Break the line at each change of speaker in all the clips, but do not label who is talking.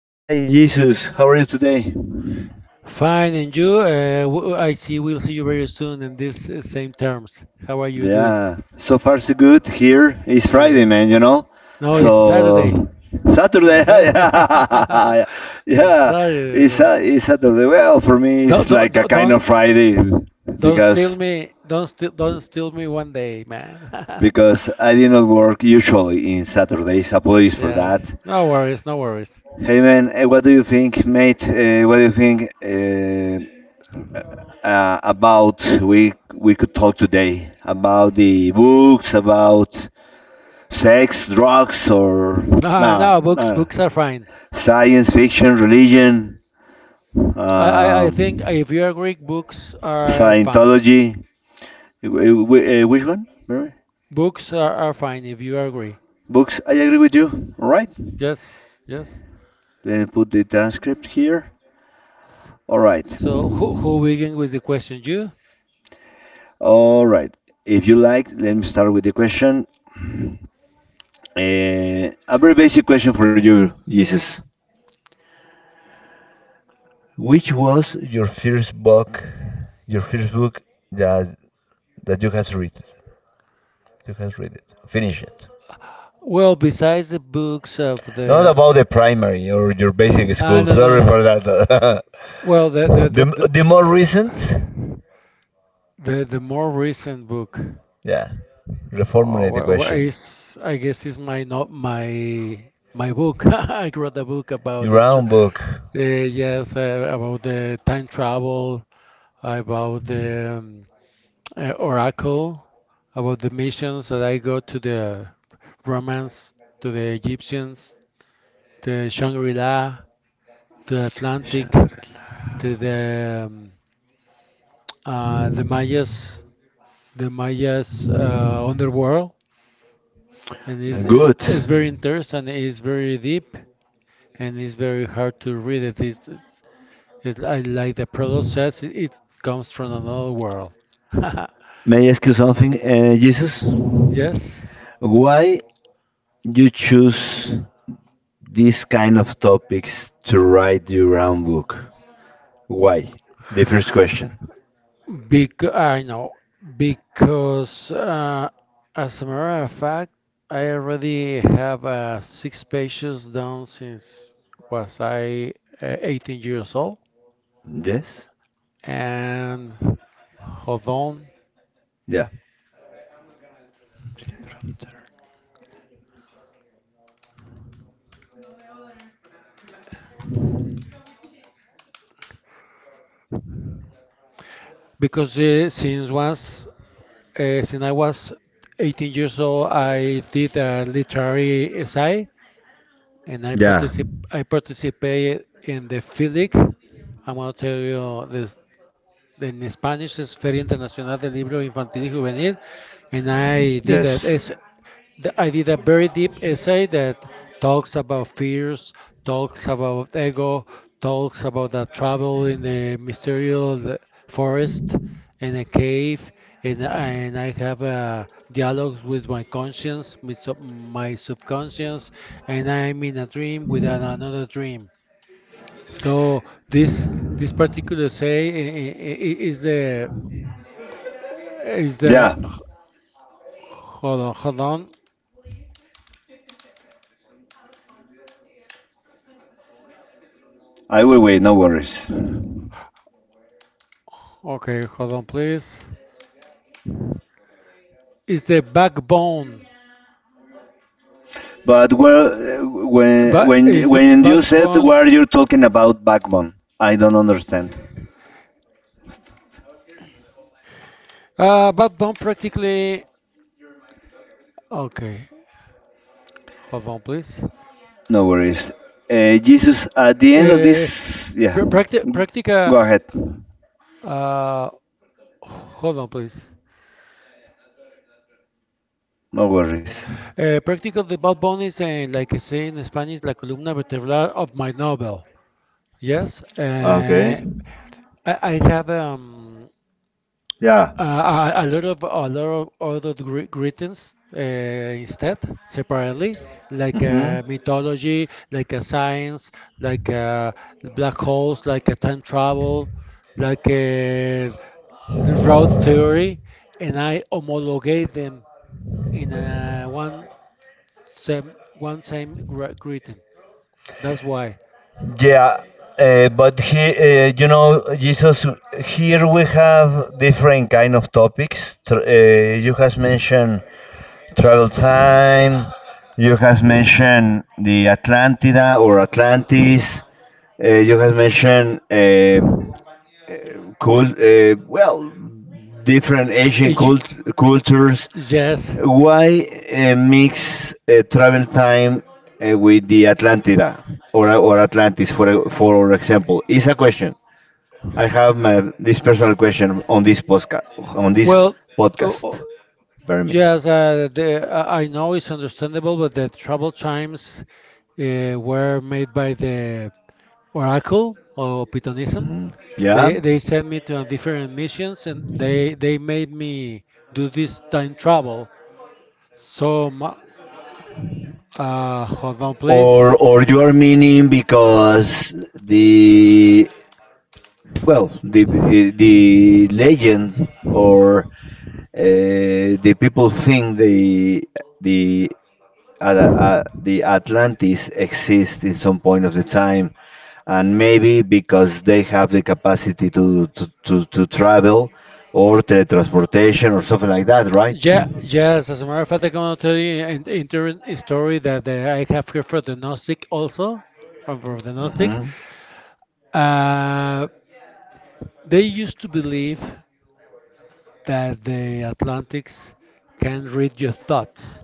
Hi, Jesus. How are you today?
Fine, and you? I see. We'll see you very soon in these same terms. How are you doing?
Yeah, so far so good. Here it's Friday,
Great.
man.
No, it's Saturday.
So Saturday.
It's, Sat-
Yeah,
it's
yeah.
Saturday,
It's
man.
a, it's Saturday. Well, for me,
Don't
it's
don't
like a
don't
kind of
don't
Friday
don't steal
because
me. Don't steal me one day, man.
because I did not work usually in Saturdays. Apologies for
Yes.
that.
No worries. No worries.
Hey, man. What do you think, mate? What do you think? About we could talk today about the books, about sex, drugs, or
No,
nah,
no. Books
nah,
books are fine.
science fiction, religion,
I think
um,
if you agree, books are fine.
scientology. Which one, Mary?
Books are fine if you agree.
Books, I agree with you. All right,
Yes. Yes.
then put the transcript here. All right.
So who begin with the question? You?
All right, if you like, let me start with the question. A very basic question for you, Jesus. Which was your first book, your first book that that you has read? You has read it, finish it.
Well, besides the books of
Not
the
about the primary or your basic
ah
school.
no no
Sorry
no.
for that.
Well, the the the
The more recent,
the the, the more recent book.
yeah.
Oh,
Reformulate the question.
is I guess is my not my book. I wrote a book about
Your
the tr
own book.
Yes, about the time travel, about the oracle, about the missions that I go to the Romans, to the Egyptians, the Shangri-La, the Atlantic, the, uh, the Mayas, the Mayas underworld, and is is
Good.
is very interesting. It's very deep and it's very hard to read it. It's like the prologue says, it comes from another world.
May I ask you something, Jesus?
Yes.
Why you choose these kind of topics to write your own book? Why? The first question.
Bec I know because as a matter of fact, I already have six pages done since was I 18 years old,
Yes?
and hold on
Yeah.
because since once since I was 18 years old, I did a literary essay and I
Yeah.
particip I participated in the FIDIC. I'm gonna tell you the in Spanish is Feria Internacional del Libro Infantil y Juvenil, and I did that.
Yes.
es- th- I did a very deep essay that talks about fears, talks about ego, talks about the travel in the mysterious forest, in a cave, and I have a dialogues with my conscience, with my subconscious, and I'm in a dream with another dream. So this this particular say I- is the
Yeah.
Hold on, hold on.
I will wait, no worries.
Okay, hold on, please. Is the backbone,
But well, when
but
when y-
is
when you said
backbone,
what you're talking about backbone, I don't understand.
backbone practically. Okay, hold on, please.
No worries. Jesus, at the end of
Uh,
this, yeah,
pr- practi-
go
practica.
ahead.
Uh, Hold on, please.
No worries.
Practical the backbone is, like I say in Spanish, la columna vertebral of my novel. Yes,
Okay.
I have um
Yeah.
Uh, a, a lot of a lot of other greetings, instead separately, like
Mm-hmm.
mythology, like science, like black holes, like a time travel, like the road theory, and I homologate them in a one same greeting. That's why
Yeah, but Jesus. Here we have different kind of topics. You has mentioned travel time. You has mentioned the Atlantida or Atlantis. You has mentioned cool. Well, different Asian
Y-
cultures.
yes
Why mix travel time with the Atlantida or Atlantis for example? Is a question. I have this personal question on this podcast, on this
well uh, uh,
podcast. Bear me.
Yes, the, I know it's understandable, but the travel times were made by the Oracle or Pythonism.
Yeah.
They sent me to a different missions and they made me do this time travel. So mu- Hold on, please.
Or you are meaning because the well the the legend or the people think the the Atlantis exist in some point of the time, and maybe because they have the capacity to travel or teletransportation or something like that, right?
Yeah, yes. As a matter of fact, I'm going to tell you an interesting story that I have here for the Gnostic also, or for the Gnostic.
Hmm.
Uh, they used to believe that the Atlantics can read your thoughts.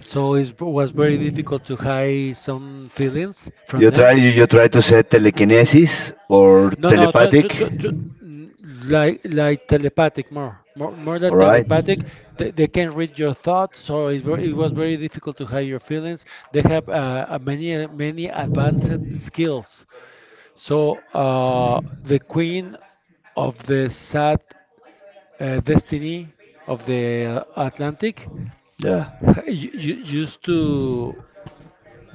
So it was very difficult to hide some feelings from
You try
them.
you, you try to say telekinesis or
No, no, tr tr
telepathic,
tr tr n- Like telepathic, more than
all right?
telepathic. They can read your thoughts, so it was very difficult to hide your feelings. They have many many advanced skills. So the queen of the sad destiny of the Atlantic
Yeah,
you,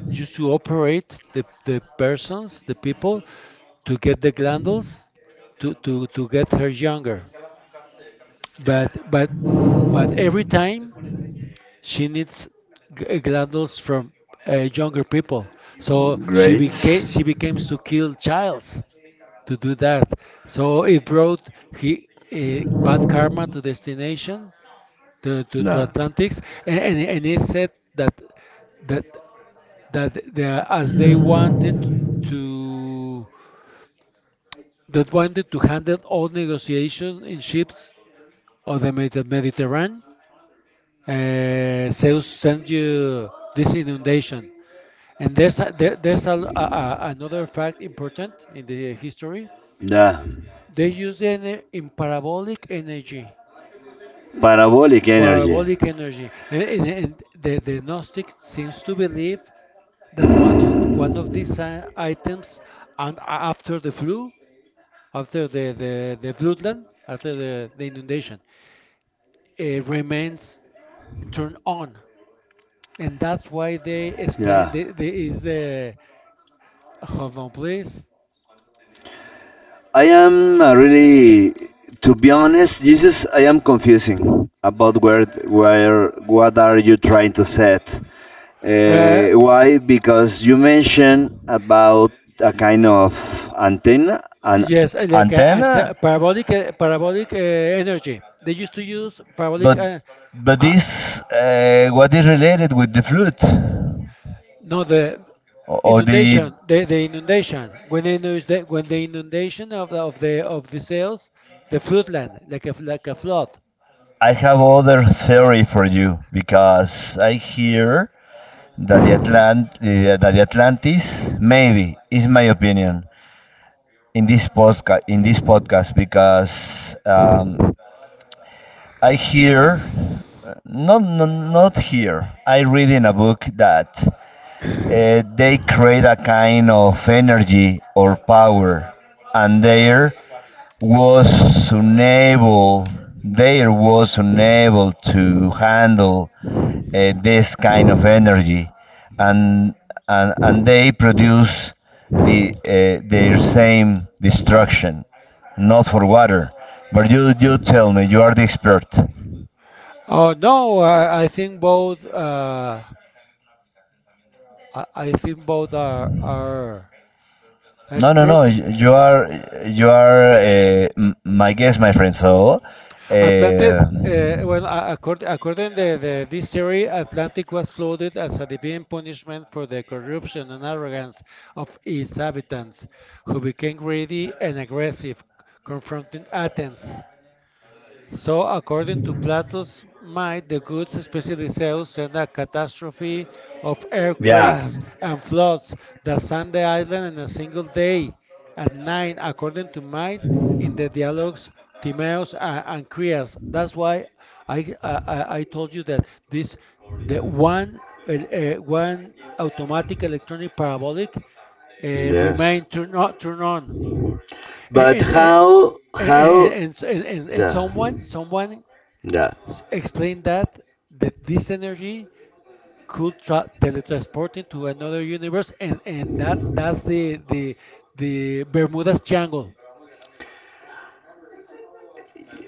used to operate the persons, the people, to get the glandules to get her younger. But but but every time she needs glandules from younger people. So
great.
she became to kill childs to do that. So it brought he bad karma to destination to
Nah,
Atlantics, and and he said that that as they wanted to that wanted to handle all negotiations in ships of the Mediterranean. Zeus sent you this inundation. And there's there's another fact important in the history.
nah,
They use the ener- in
parabolic energy.
parabolic energy, and the Gnostic seems to believe that one of these items, and after the flu, after the floodland, after the inundation, remains turned on, and that's why they explain
Yeah,
the hold on please.
I am really, to be honest, Jesus, I am confusing about what are you trying to set?
Uh,
Why? Because you mentioned about a kind of antenna, an
yes, like
antenna,
parabolic energy. They used to use parabolic.
but but
Uh,
this, what is related with the flute,
no, the
or the,
inundation. The inundation when they use the when the inundation of the cells, the floodland, like a flood.
I have other theory for you because I hear that that the Atlantis, maybe, is my opinion, in this podcast, because I hear, not, not not here I read in a book that they create a kind of energy or power, and was unable there was unable to handle this kind of energy, and and they produce their same destruction, not for water. But you tell me, you are the expert.
Oh no, I think both. I think both are
No, no, no.
expert.
You are, my guest, my friend. So,
Atlantic,
uh,
well, according to this theory, Atlantic was flooded as a divine punishment for the corruption and arrogance of its inhabitants, who became greedy and aggressive, confronting Athens. So, according to Plato's mind, the gods, especially Zeus, sent a catastrophe of
yeah,
earthquakes and floods that sank the island in a single day. At nine, according to mind, in the dialogues Timaeus and Creas. That's why I told you that this the one one automatic electronic parabolic
yes.
remain turn on turn on and,
But
and, uh,
how how
and
yeah,
someone someone
yeah.
S- explain that this energy could teletransport into another universe, and that's the Bermuda's triangle.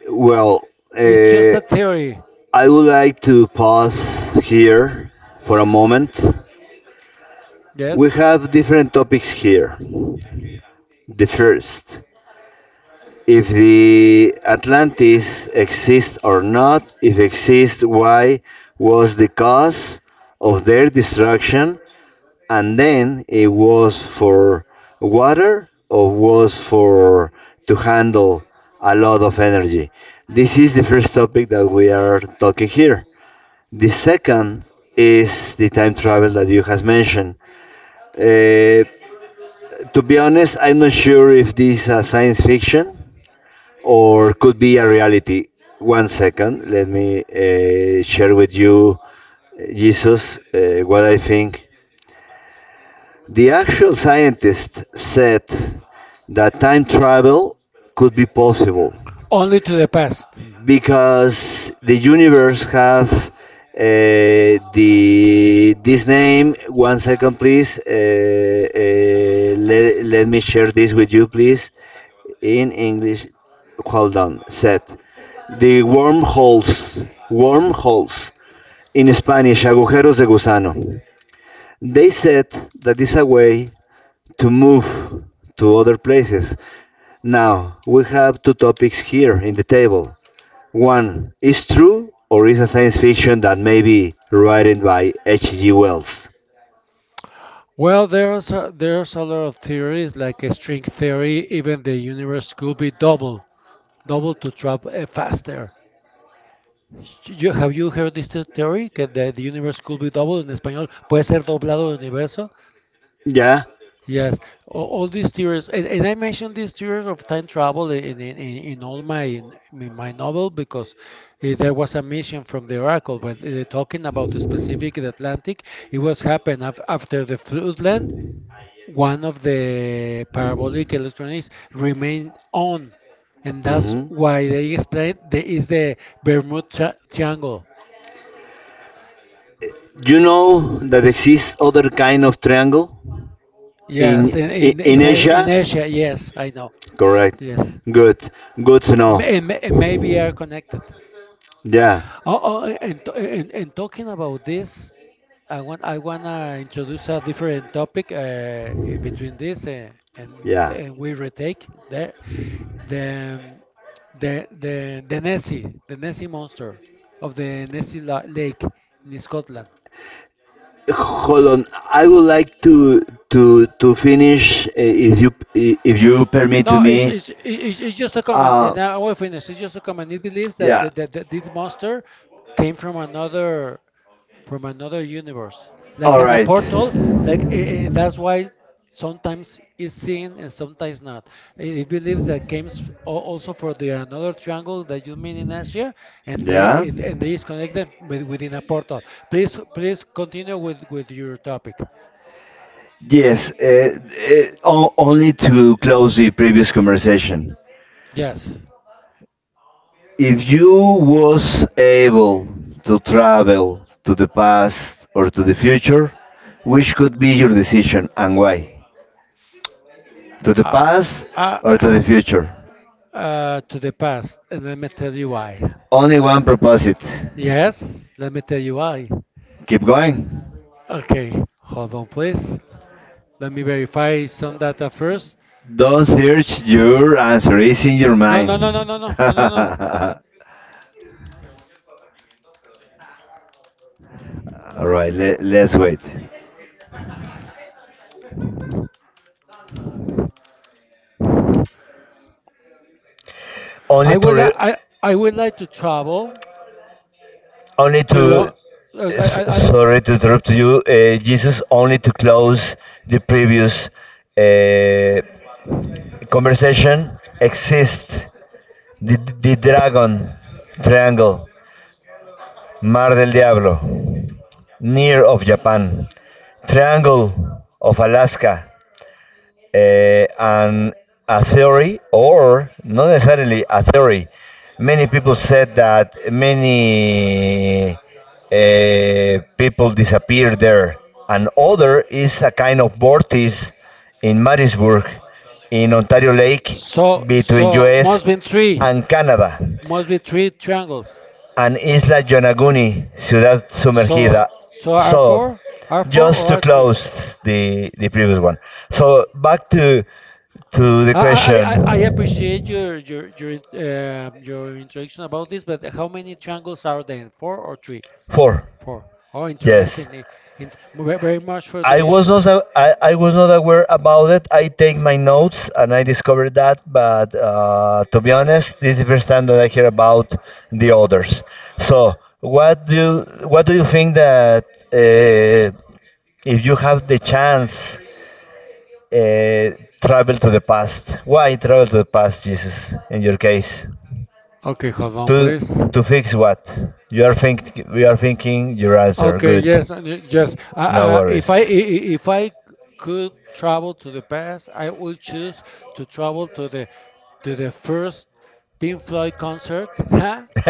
Well,
It's just
uh,
a theory.
I would like to pause here for a moment. We
Yes,
have different topics here. The first, if the Atlantis exists or not, if exists, why was the cause of their destruction, and then it was for water or was for to handle a lot of energy. This is the first topic that we are talking here. The second is the time travel that you has mentioned. Uh, to be honest, I'm not sure if this is science fiction or could be a reality. One second, let me share with you, Jesus, what I think. The actual scientist said that time travel could be possible,
only to the past.
because the universe have the this name. One second, please. Let me share this with you, please. In English, hold on. Set the wormholes. Wormholes. In Spanish, agujeros de gusano. They said that is a way to move to other places. Now we have two topics here in the table. One is true or is a science fiction that may be written by H.G. Wells.
Well, there's a lot of theories, like a string theory. Even the universe could be double, double to travel faster. Have you heard theory? Que the universe could be double en español. Puede ser doblado el universo.
Yeah.
Yes, all these theories, and I mentioned these theories of time travel in all in my novel because there was a mission from the Oracle when they're talking about the specific Atlantic. It was happened af after the floodland. One of the parabolic electronics remained on, and that's
Hmm.
why they explained there is the Bermuda Triangle.
You know that exists other kind of triangle
Yes,
in i- in
in
Asia.
Asia. Yes, I know.
Correct.
Yes,
Good. Good to know.
And and maybe are connected.
Yeah.
Oh, oh, and and talking about this, I wanna introduce a different topic, between this
Yeah.
and we retake there the um, the the Nessie monster of the Nessie la Lake in Scotland.
Hold on. I would like to finish, if you, permit
No,
to me.
it's just a common,
Uh.
and I will finish. It's just a common. It believes that,
Yeah.
that, that, that this monster came from another, from another universe, like
All
an a
right.
portal. Like that's why sometimes it's seen and sometimes not. It believes that comes also for the another triangle that you mean in Asia, and
Yeah.
they is connected with, within a portal. Please please continue with your topic.
Yes, only to close the previous conversation.
Yes.
If you was able to travel to the past or to the future, which could be your decision and why? To the
Uh,
past
uh,
or to the future?
to the past, and let me tell you why.
Only one proposed.
Yes, let me tell you why.
Keep going.
Okay, hold on, please. Let me verify some data first.
Don't search. Your answer is in your
No, no,
mind.
no, no, no, no,
All
no, no, no.
right. Let's wait. Only
I
to
would
re-
like I I would like to travel
only
to
to
uh, I,
s-
I, I,
Sorry to interrupt you, Jesus, only to close the previous uh, conversation. Exists the dragon triangle, mar del diablo, near of Japan, triangle of Alaska, and a theory, or not necessarily a theory. Many people said that many people disappeared there. And other is a kind of vortex in Marysburg, in Ontario Lake,
so
between
so
US and Canada,
must be three triangles.
and Isla Yonaguni, Ciudad Sumergida.
So so R
So,
four, R four or
just to
R three.
close the previous one. So back to the
I I
question.
appreciate your your introduction about this, but how many triangles are there? Four or three?
Four.
Four. Oh,
Yes,
interesting. Very much for
I
this.
was not a- I, I was not aware about it. I take my notes and I discovered that, but to be honest, this is the first time that I hear about the others. So what do what do you think that, uh, if you have the chance, Uh, travel to the past. Why travel to the past, Jesus? In your case,
Okay, hold on,
to
please.
to fix what? You are think We are thinking your answer.
Okay,
Good.
yes, and yes.
No
If
worries.
if I could travel to the past, I would choose to travel to the first Pink Floyd concert to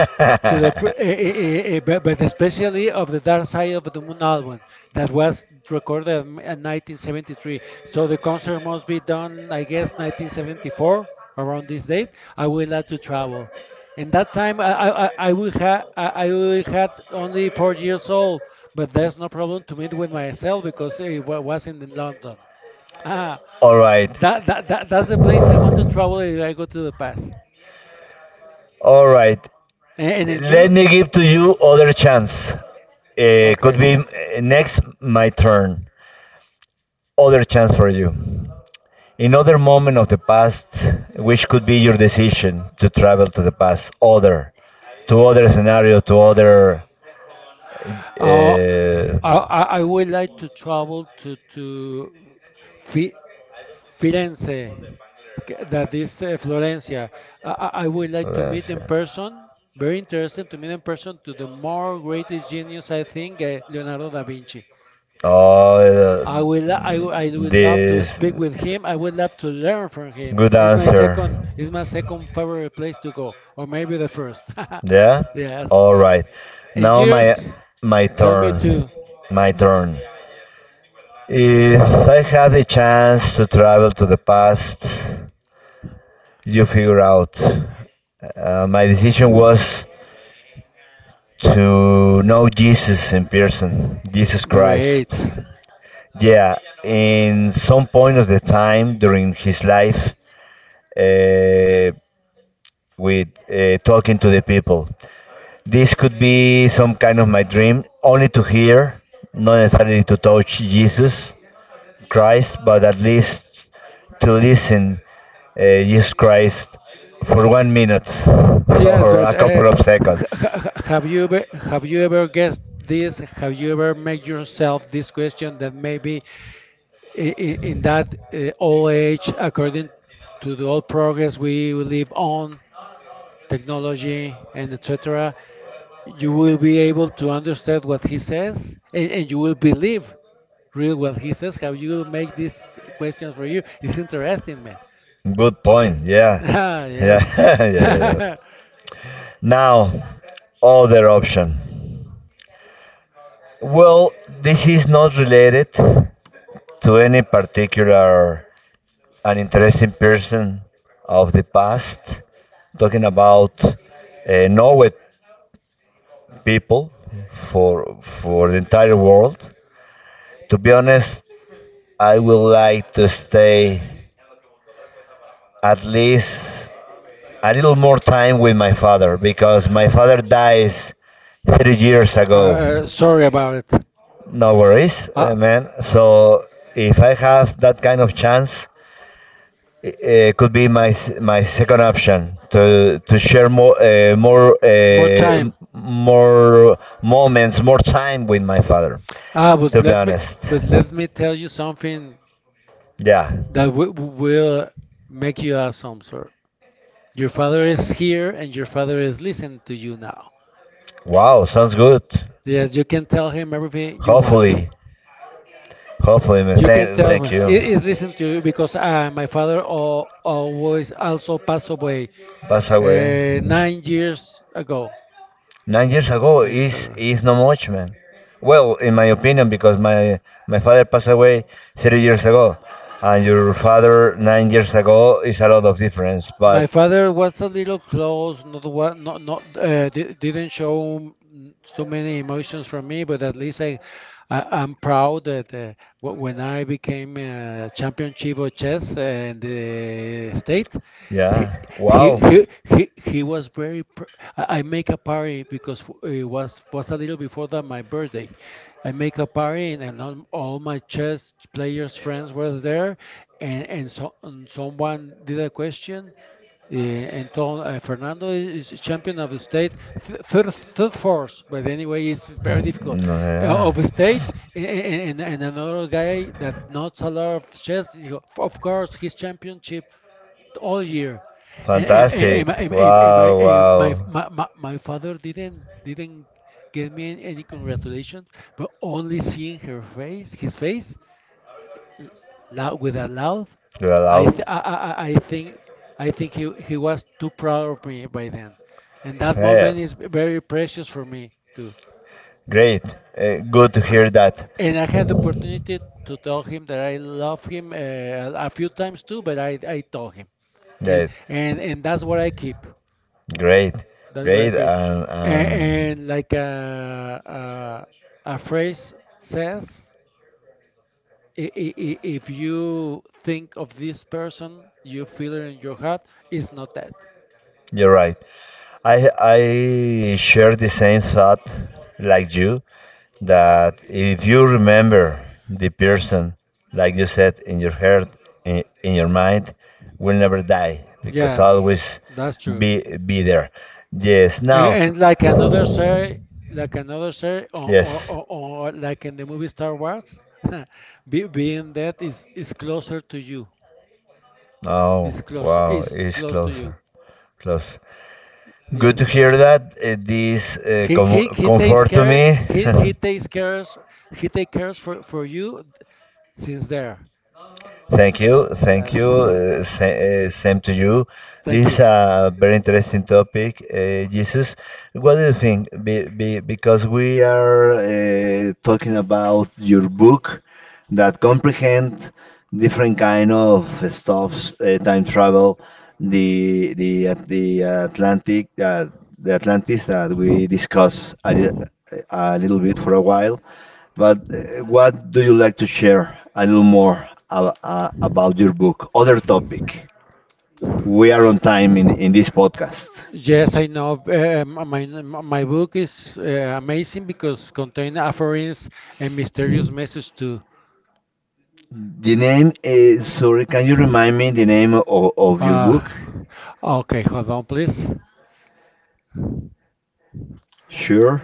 the fir- eh, eh, eh, eh, but especially of the Dark Side of the Moon album that was recorded in 1973. So the concert must be done, I guess, 1974 around this date. I will have to travel. In that time, I will have I will had only 4 years old, but there's no problem to meet with myself because was in London. Ah,
All right,
that's the place I want to travel if I go to the past.
all right.
And then
Let
you?
me give to you other chance. Could
Okay.
be next my turn. Other chance for you. Another moment of the past, which could be your decision to travel to the past, other to other scenario, to other
Uh,
uh,
I I would like to travel to Fi Firenze, that is, Florencia. I would like
what
to meet
else?
in person. Very interesting to meet in person to the more greatest genius I think, Leonardo da Vinci.
oh uh,
I will lo- I,
mm,
w- I would love to
this
speak with him. I would love to learn from him.
good answer,
It's my second favorite place to go, or maybe the first.
yeah,
Yes.
all right.
And
Now,
yours?
my
Tell me
turn
too.
my turn. If I have the chance to travel to the past, you figure out, my decision was to know Jesus in person, Jesus
Great.
Christ. Yeah, in some point of the time during his life, uh, with talking to the people. This could be some kind of my dream, only to hear, not necessarily to touch Jesus Christ, but at least to listen Jesus Christ for 1 minute
Yes,
or
but
a couple of seconds.
have you ever guessed this? Have you ever made yourself this question that maybe in, in that old age, according to the old progress we live on, technology and etc., you will be able to understand what he says and you will believe real what he says. Have you made this question for you? It's interesting, man.
Good point. Yeah.
Ah,
Yeah.
yes.
Yeah. Yeah. Yeah.
uh,
Now, other option. Well, this is not related to any particular an interesting person of the past. Talking about Norway people for the entire world. To be honest, I would like to stay at least a little more time with my father, because my father dies 30 years ago.
sorry about it.
No worries,
Uh,
man. So if I have that kind of chance, it could be my second option to share
more time.
more moments, more time with my father.
Ah, but
To be
let me
honest,
but let me tell you something
yeah.
that w will make you awesome, sir. Your father is here and your father is listening to you now.
Wow, sounds good.
Yes, you can tell him everything you want.
Hopefully, man.
You can
Thank,
tell
thank
him.
you.
He is listening to you because my father al always also passed away
Pass away.
9 years ago.
9 years ago
没事 个。
is not much, man. Well, in my opinion, because my father passed away 30 years ago, and your father 9 years ago, is a lot of difference. But
My father was a little close, not not didn't show so many emotions from me, but at least I'm proud that when I became championship of chess in the state, he
yeah, wow,
he was very. Pr I make a party because it was a little before that my birthday. I make a party and, all my chess players friends were there, and someone did a question yeah, Anton Fernando is champion of the state, third force, but anyway, it's very
mm,
difficult.
no,
Of
yeah,
the state, and another guy that knows a lot of chess, you know, of course, his championship all year.
fantastic, wow,
And my,
wow,
my, my my father didn't give me any congratulations, but only seeing her face, his face, loud, with a laugh,
you're
I
allowed.
th I, I I think I think he was too proud of me by then, and that
Yeah,
moment is very precious for me too.
great, good to hear that.
And I had the opportunity to tell him that I love him a few times too, but I told him, and
That
and and that's what I keep.
great,
That's what I
great,
pay.
and
And like a phrase says, if you think of this person, you feel it in your heart. It's not that.
you're right. I share the same thought like you, that if you remember the person, like you said, in your heart, in your mind, will never die, because
Yes,
always
that's true.
be there. Yes. Now,
And like another series,
yes.
or like in the movie Star Wars, be, being that is closer to you.
Oh
Is closer.
wow,
Is
it's
close to you.
closer, close. Good to
Yes.
hear that. This
He he he takes
comfort to me.
care. He takes cares. He takes cares for you since there.
Thank you, thank you.
Yes.
Sa Same to you.
Thank
This is
you.
a very interesting topic, Jesus. What do you think? Be because we are talking about your book that comprehend different kind of stuffs, time travel, the Atlantic, the Atlantis, that we discussed a little bit for a while, but what do you like to share a little more about your book? Other topic. We are on time in this podcast.
Yes, I know. My book is amazing because contain offerings and mysterious message too.
The name is, sorry, can you remind me the name of your
Uh,
book?
okay, hold on, please.
Sure.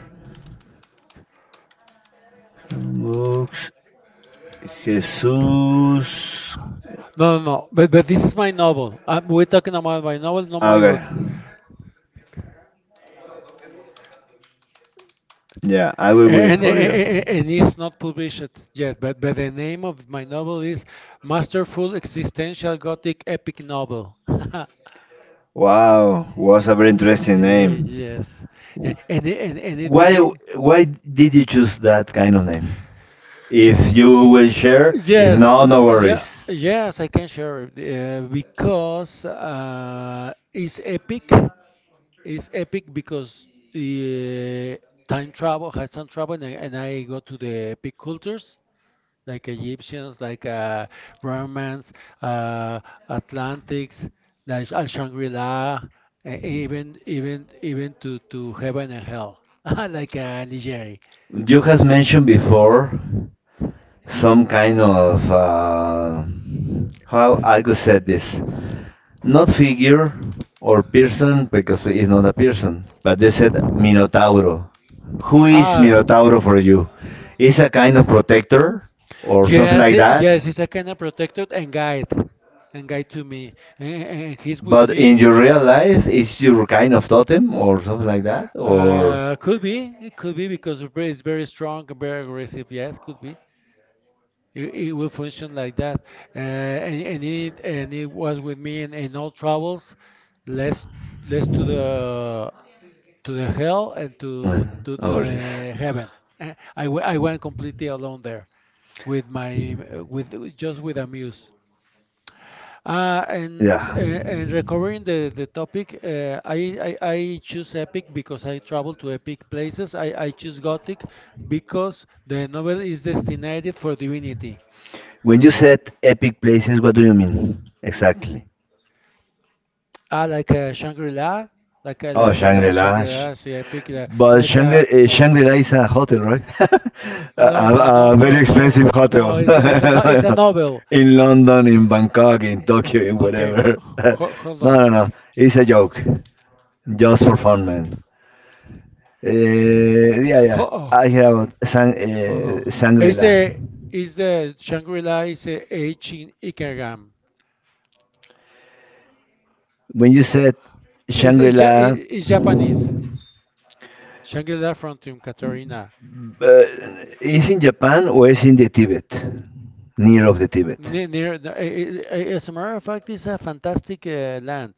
Books. Jesus.
No. But this is my novel. We're talking about my novel, not my
Okay.
book.
Yeah, I will wait
And,
for you.
and, and it's not published yet. But the name of my novel is Masterful Existential Gothic Epic Novel. yeah,
Wow, was a very interesting name.
yes. Yeah. And it
Why
began.
why did you choose that kind of name? If you will share. If
Yes,
not, no worries.
yes, I can share it because it's epic. It's epic because uh, time travel has time travel, and I go to the epic cultures like Egyptians, like Romans, uh, Atlantics, like Shangri-La, even to heaven and hell, like Nigeria.
You has mentioned before some kind of how I could say this, not figure or person, because it's not a person, but they said Minotauro. Who is
Ah,
Minotauro for you? Is a kind of protector or something
yes,
like
eh,
that?
yes, he's a kind of protector and guide to me, and he's with
But in
me.
your real life, is your kind of totem or something like that? Or
Could be. It could be because Uber is very strong and very aggressive. Yes, could be. It will function like that. And it was with me in all travels, less less to the hell and
Uh, no
to
worries.
the heaven. I went completely alone there with my with just with a muse.
Yeah.
And recovering the topic, I choose epic because I travel to epic places. I choose gothic because the novel is destined for divinity.
When you said epic places, what do you mean exactly?
Ah, like Shangri-La,
Oh,
like
Shangri-La.
Shangri-La, sí, epic,
But
like
Shangri-La is a hotel, right?
oh, no no no
A
no
very
no
expensive hotel
no, it's a no, it's a novel.
in London, in Bangkok, in Tokyo, in
Okay,
whatever. No,
hold on,
no, no. It's a joke, just for fun, man. Yeah, yeah.
ho, oh,
I hear about Sang
hold on. It's
Shangri-La.
a Is the Shangri-La is a H in Ikegam.
When you said Shangri-La,
It's Japanese. Shangri-La Frontium, Katarina.
but it's in Japan or is in the Tibet, near of the Tibet,
Near the, as a matter of fact, it's a fantastic land.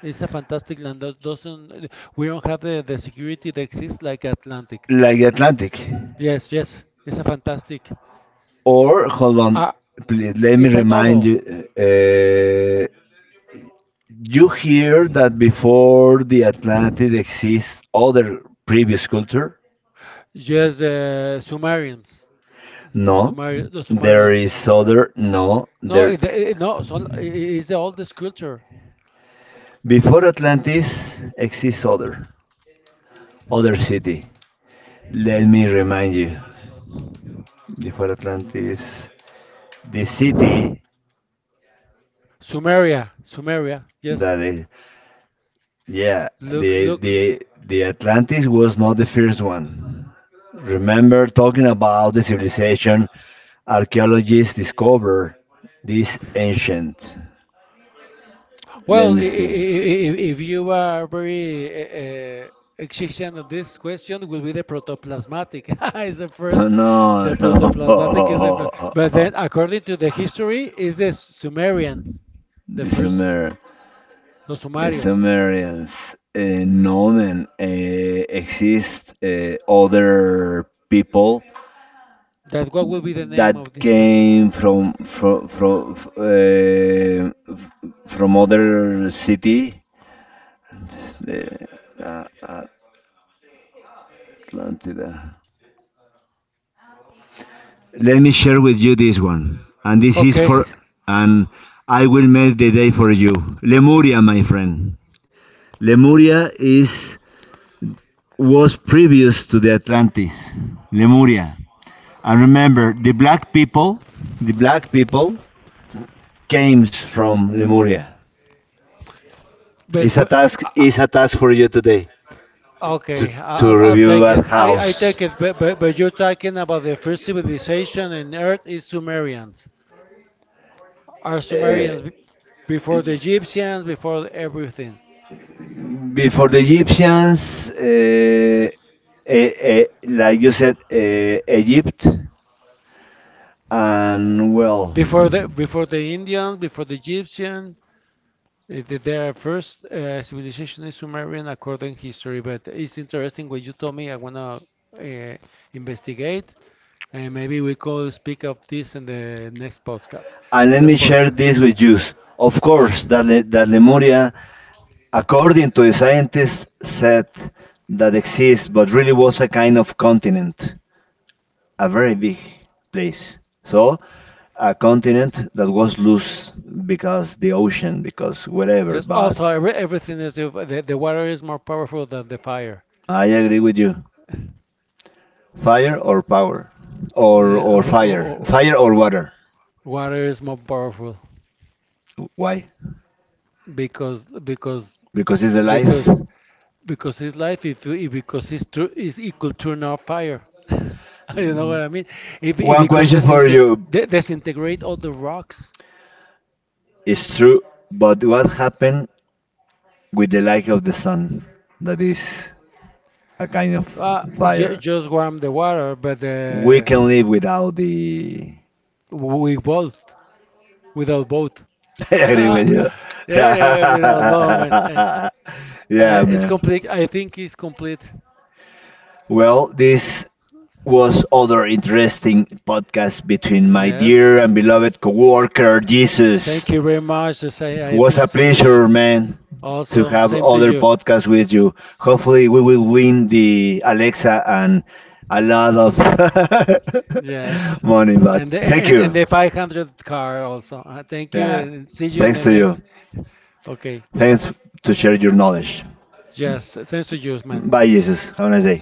It's a fantastic land. That Doesn't we don't have the security that exists like Atlantic.
like the Atlantic.
Yes, yes. It's a fantastic.
Or hold on,
Uh,
please let me
it's a
remind
novel.
you. Uh, you hear that before the Atlantic exists other previous culture?
Yes, Sumerians. The
No,
Sumari the
there
Sumarians.
is other. No, there,
No. So it's the oldest culture.
before Atlantis, exists other city. Let me remind you. Before Atlantis, the city
Sumeria. Yes.
that yeah,
Look,
the
look.
the the Atlantis was not the first one. Remember talking about the civilization, archaeologists discovered this ancient. Let
Well,
me see.
if you are very uh, exigent on this question, will be the protoplasmatic. Is the
Oh,
first,
no,
the protoplasmatic is the first.
no.
But then, according to the history, is the Sumerians, the
The
first,
Sumer,
los
the
Sumarios.
Sumerians, uh, known and exist other people
That what will be the name
that
of this people?
came from other city, the uh, Atlantida. Let me share with you this one, and this is
Okay,
for, and I will make the day for you. Lemuria, my friend. Lemuria is was previous to the Atlantis. Lemuria, and remember, the black people came from Lemuria. It's a
but
task. It's a task for you today to
okay,
to
I'll
review
take it.
at
I
house.
take it, but you're talking about the first civilization in Earth is Sumerians. Are
Uh,
Sumerians before the Egyptians, before everything,
before the Egyptians, eh, like you said, Egypt, and well,
before the Indians, before the Egyptian. Eh, their first civilization is Sumerian according to history, but it's interesting what you told me. I wanna uh, investigate, and maybe we could speak of this in the next podcast.
and let
That
me share
podcast.
this with you. Of course, that, that Lemuria, according to the scientists, said that exists, but really was a kind of continent, a very big place. So a continent that was loose because the ocean, because whatever.
Yes.
But
Also every, everything is if the water is more powerful than the fire.
I agree with you. Fire or power, or
Yeah,
or
oh,
fire,
oh, oh.
fire or water.
Water is more powerful
Why?
because because
Because it's the life.
because because it's life if, if because it's true is equal turn off fire I don't know what I mean if
One
because
question for
disintegrate
you.
disintegrate all the rocks
It's true, but what happened with the light of the sun? That is a kind of
uh, j-
fire.
just warm the water but
We can live without the.
we both without both
I agree with
yeah,
you.
yeah without both man
Yeah,
it's
man.
complete I think it's complete
Well, this was other interesting podcast between my
yes
dear and beloved coworker, Jesus.
thank you very much the same,
It
I
was
think
a
same to you
pleasure, man, to
also
have
same to
other
you
podcasts with you. Hopefully, we will win the Alexa and a lot of
yes.
money. But
And the,
thank
and
you.
the 500 car also. Thank you
Yeah,
and see you in
thanks
the
to you.
next. Okay.
Thanks to share your knowledge.
Yes. Thanks to you, man.
Bye, Jesus. Have a nice day.